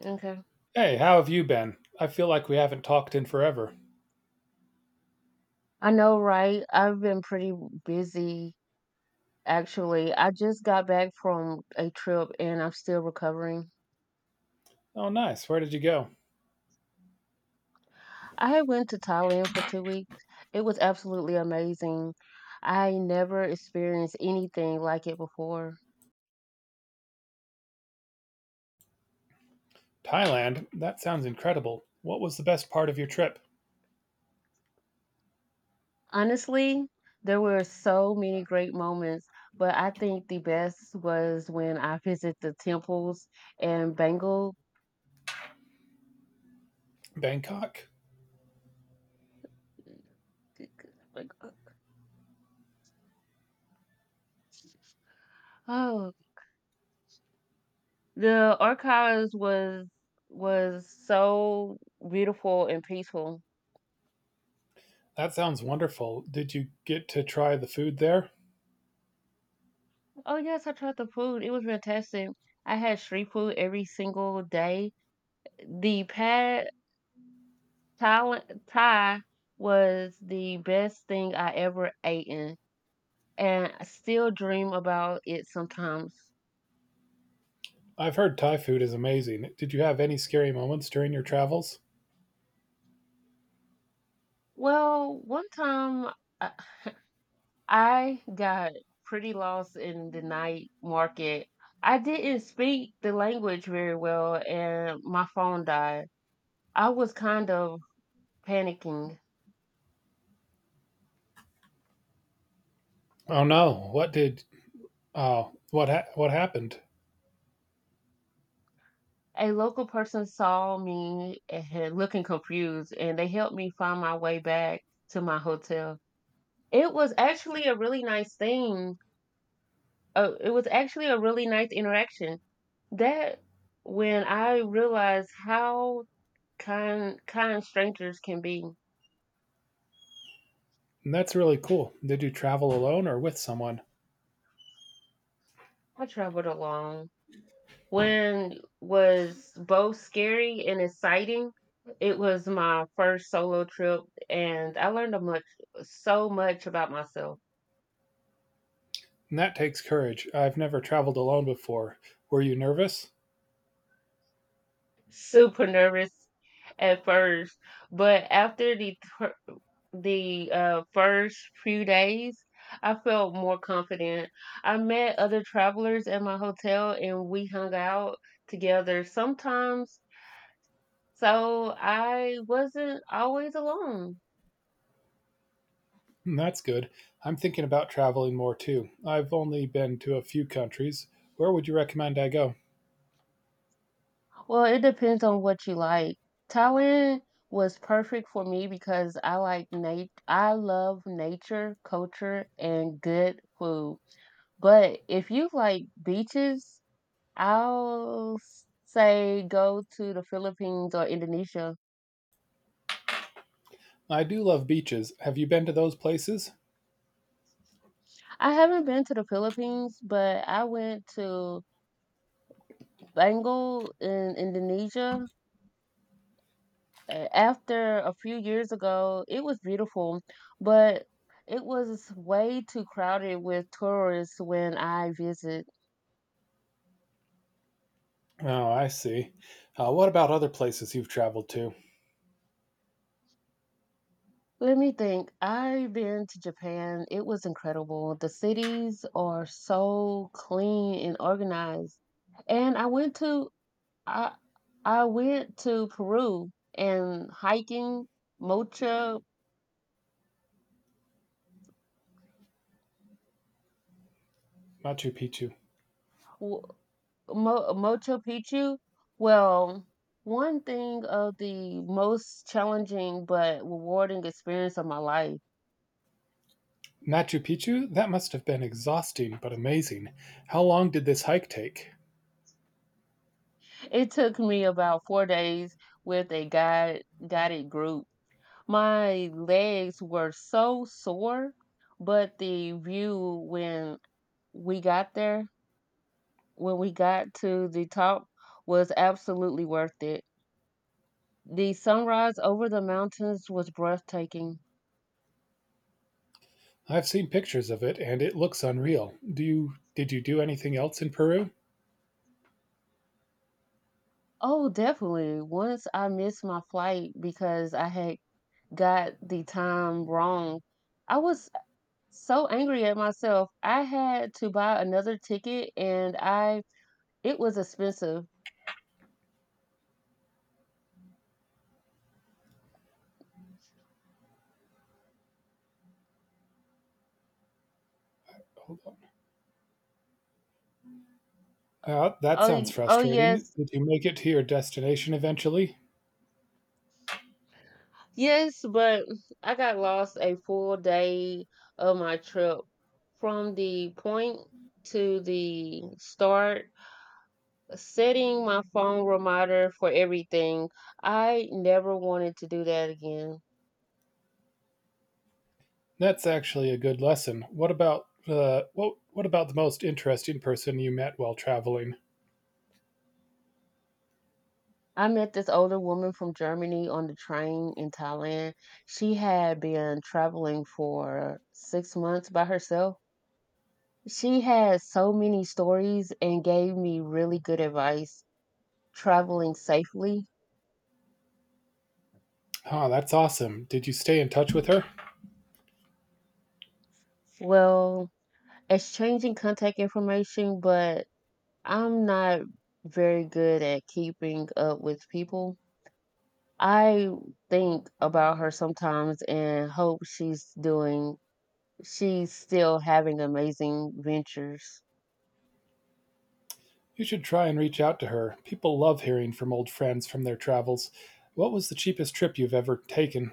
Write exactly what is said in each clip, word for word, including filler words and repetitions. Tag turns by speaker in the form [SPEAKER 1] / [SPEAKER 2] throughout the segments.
[SPEAKER 1] Okay.
[SPEAKER 2] Hey, how have you been? I feel like we haven't talked in forever.
[SPEAKER 1] I know, right? I've been pretty busy actually. I just got back from a trip and I'm still recovering.
[SPEAKER 2] Oh, nice. Where did you go?
[SPEAKER 1] I had went to Thailand for two weeks. It was absolutely amazing. I never experienced anything like it before.
[SPEAKER 2] Thailand? That sounds incredible. What was the best part of your trip?
[SPEAKER 1] Honestly, there were so many great moments, but I think the best was when I visited the temples in Bangkok.
[SPEAKER 2] Bangkok?
[SPEAKER 1] Oh, the archives was was so beautiful and peaceful.
[SPEAKER 2] That sounds wonderful. Did you get to try the food there?
[SPEAKER 1] Oh yes, I tried the food. It was fantastic. I had street food every single day. The pad thai, thai was the best thing I ever ate in, and I still dream about it sometimes.
[SPEAKER 2] I've heard Thai food is amazing. Did you have any scary moments during your travels?
[SPEAKER 1] Well, one time uh, I got pretty lost in the night market. I didn't speak the language very well, and my phone died. I was kind of panicking.
[SPEAKER 2] Oh no. What did Oh, what ha- What happened?
[SPEAKER 1] A local person saw me and looking confused, and they helped me find my way back to my hotel. It was actually a really nice thing. Uh, it was actually a really nice interaction. That when I realized how kind kind strangers can be.
[SPEAKER 2] That's really cool. Did you travel alone or with someone?
[SPEAKER 1] I traveled alone. When was both scary and exciting? It was my first solo trip, and I learned a much so much about myself.
[SPEAKER 2] That takes courage. I've never traveled alone before. Were you nervous?
[SPEAKER 1] Super nervous at first, but after the fir- the uh, first few days, I felt more confident. I met other travelers at my hotel, and we hung out together sometimes. So I wasn't always alone.
[SPEAKER 2] Hmm, that's good. I'm thinking about traveling more too. I've only been to a few countries. Where would you recommend I go?
[SPEAKER 1] Well, it depends on what you like. Thailand was perfect for me because I like nat- I love nature, culture, and good food. But if you like beaches, I'll s- say go to the Philippines or Indonesia.
[SPEAKER 2] I do love beaches. Have you been to those places?
[SPEAKER 1] I haven't been to the Philippines, but I went to Bangle in Indonesia a- after a few years ago. It was beautiful, but it was way too crowded with tourists when I visit.
[SPEAKER 2] Oh, I see. Uh, what about other places you've traveled to?
[SPEAKER 1] Let me think. I've been to Japan. It was incredible. The cities are so clean and organized. And I went to I I went to Peru and hiking Mocha.
[SPEAKER 2] Machu Picchu.
[SPEAKER 1] W Mo Machu Picchu? Well, one thing of the most challenging but rewarding experience of my life.
[SPEAKER 2] Machu Picchu? That must have been exhausting but amazing. How long did this hike take?
[SPEAKER 1] It took me about four days with a guide guided group. My legs were so sore, but the view when we got there, when we got to the top, was absolutely worth it. The sunrise over the mountains was breathtaking.
[SPEAKER 2] I've seen pictures of it and it looks unreal. Do you Did you do anything else in Peru?
[SPEAKER 1] Oh, definitely. Once I missed my flight because I had got the time wrong. I was so angry at myself. I had to buy another ticket and I it was expensive.
[SPEAKER 2] Hold on. Uh, that
[SPEAKER 1] Oh,
[SPEAKER 2] sounds
[SPEAKER 1] y- oh
[SPEAKER 2] frustrating.
[SPEAKER 1] yes.
[SPEAKER 2] Did you make it to your destination eventually?
[SPEAKER 1] Yes, but I got lost a full day of my trip from the point to the start, setting my phone reminder for everything. I never wanted to do that again.
[SPEAKER 2] That's actually a good lesson. What about the what what about the most interesting person you met while traveling?
[SPEAKER 1] I met this older woman from Germany on the train in Thailand. She had been traveling for six months by herself. She had so many stories and gave me really good advice traveling safely.
[SPEAKER 2] Ah, that's awesome. Did you stay in touch with her?
[SPEAKER 1] Well, exchanging contact information, but I'm not very good at keeping up with people. I think about her sometimes and hope she's doing she's still having amazing ventures.
[SPEAKER 2] You should try and reach out to her. People love hearing from old friends from their travels. What was the cheapest trip you've ever taken?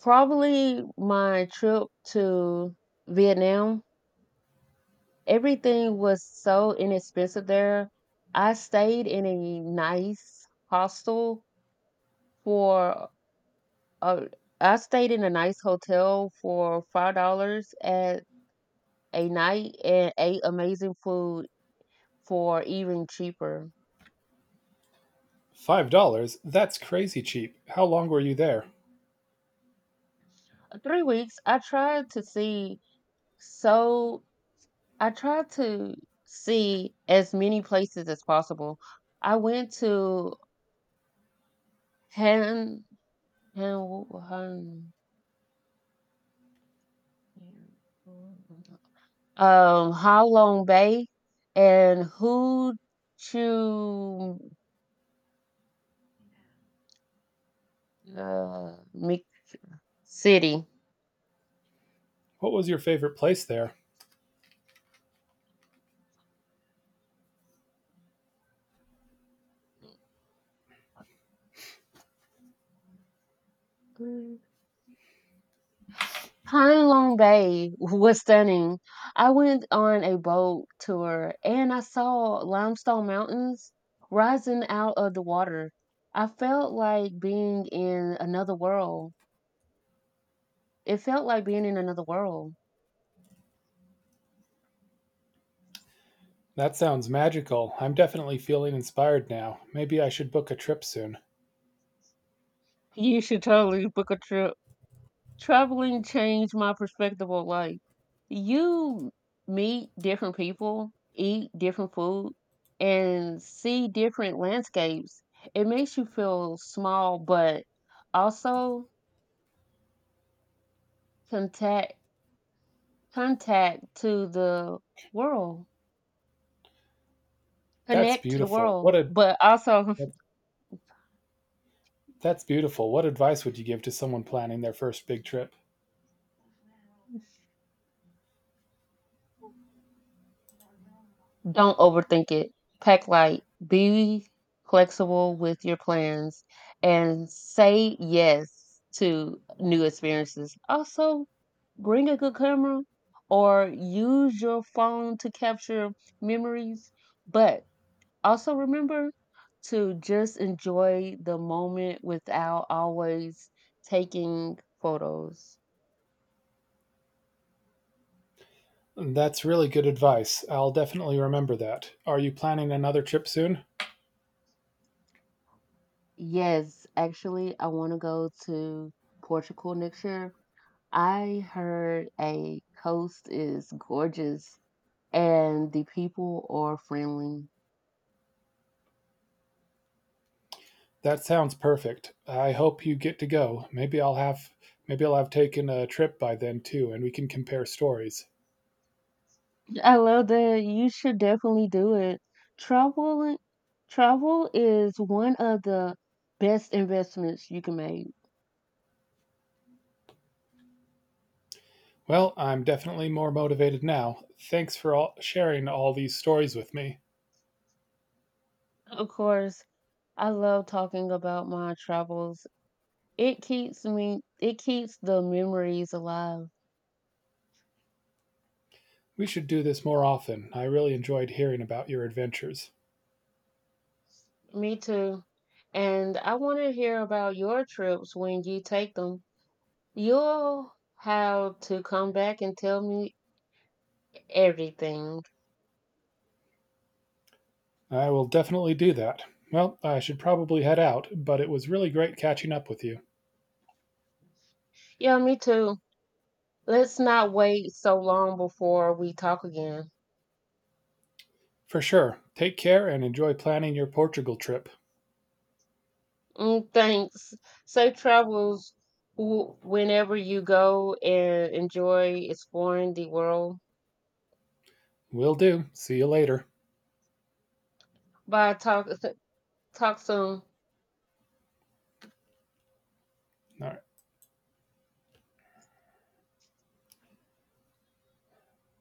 [SPEAKER 1] Probably my trip to Vietnam. Everything was so inexpensive there. I stayed in a nice hostel for uh, I stayed in a nice hotel for five dollars at a night and ate amazing food for even cheaper.
[SPEAKER 2] Five dollars? That's crazy cheap. How long were you there?
[SPEAKER 1] Three weeks. I tried to see so I tried to see as many places as possible. I went to Han Han Han um Ha Long Bay and Hoo Chu, uh, Mik City.
[SPEAKER 2] What was your favorite place there?
[SPEAKER 1] Pine Long Bay was stunning. I went on a boat tour and I saw limestone mountains rising out of the water. I felt like being in another world. It felt like being in another world.
[SPEAKER 2] That sounds magical. I'm definitely feeling inspired now. Maybe I should book a trip soon.
[SPEAKER 1] You should totally book a trip. Traveling changed my perspective on life. You meet different people, eat different food, and see different landscapes. It makes you feel small, but also contact contact to the world.
[SPEAKER 2] That's
[SPEAKER 1] Connect to the
[SPEAKER 2] beautiful.
[SPEAKER 1] world,
[SPEAKER 2] What a
[SPEAKER 1] but also
[SPEAKER 2] That's beautiful. What advice would you give to someone planning their first big trip?
[SPEAKER 1] don't overthink it. Pack light. Be flexible with your plans and say yes to new experiences. Also, bring a good camera or use your phone to capture memories, but also remember to just enjoy the moment without always taking photos.
[SPEAKER 2] That's really good advice. I'll definitely remember that. Are you planning another trip soon?
[SPEAKER 1] Yes, actually, I want to go to Portugal next year. I heard a coast is gorgeous and the people are friendly.
[SPEAKER 2] That sounds perfect. I hope you get to go. Maybe I'll have maybe I'll have taken a trip by then too and we can compare stories.
[SPEAKER 1] I love that. You should definitely do it. Travel, travel is one of the best investments you can make.
[SPEAKER 2] Well, I'm definitely more motivated now. Thanks for all, sharing all these stories with me.
[SPEAKER 1] Of course, I love talking about my travels. It keeps me, it keeps the memories alive.
[SPEAKER 2] We should do this more often. I really enjoyed hearing about your adventures.
[SPEAKER 1] Me too. And I want to hear about your trips when you take them. You'll have to come back and tell me everything.
[SPEAKER 2] I will definitely do that. Well, I should probably head out, but it was really great catching up with you.
[SPEAKER 1] Yeah, me too. Let's not wait so long before we talk again.
[SPEAKER 2] For sure. Take care and enjoy planning your Portugal trip.
[SPEAKER 1] Mm, thanks. Safe travels w- whenever you go and enjoy exploring the world.
[SPEAKER 2] Will do. See you later.
[SPEAKER 1] Bye. Talk, talk soon.
[SPEAKER 2] All right.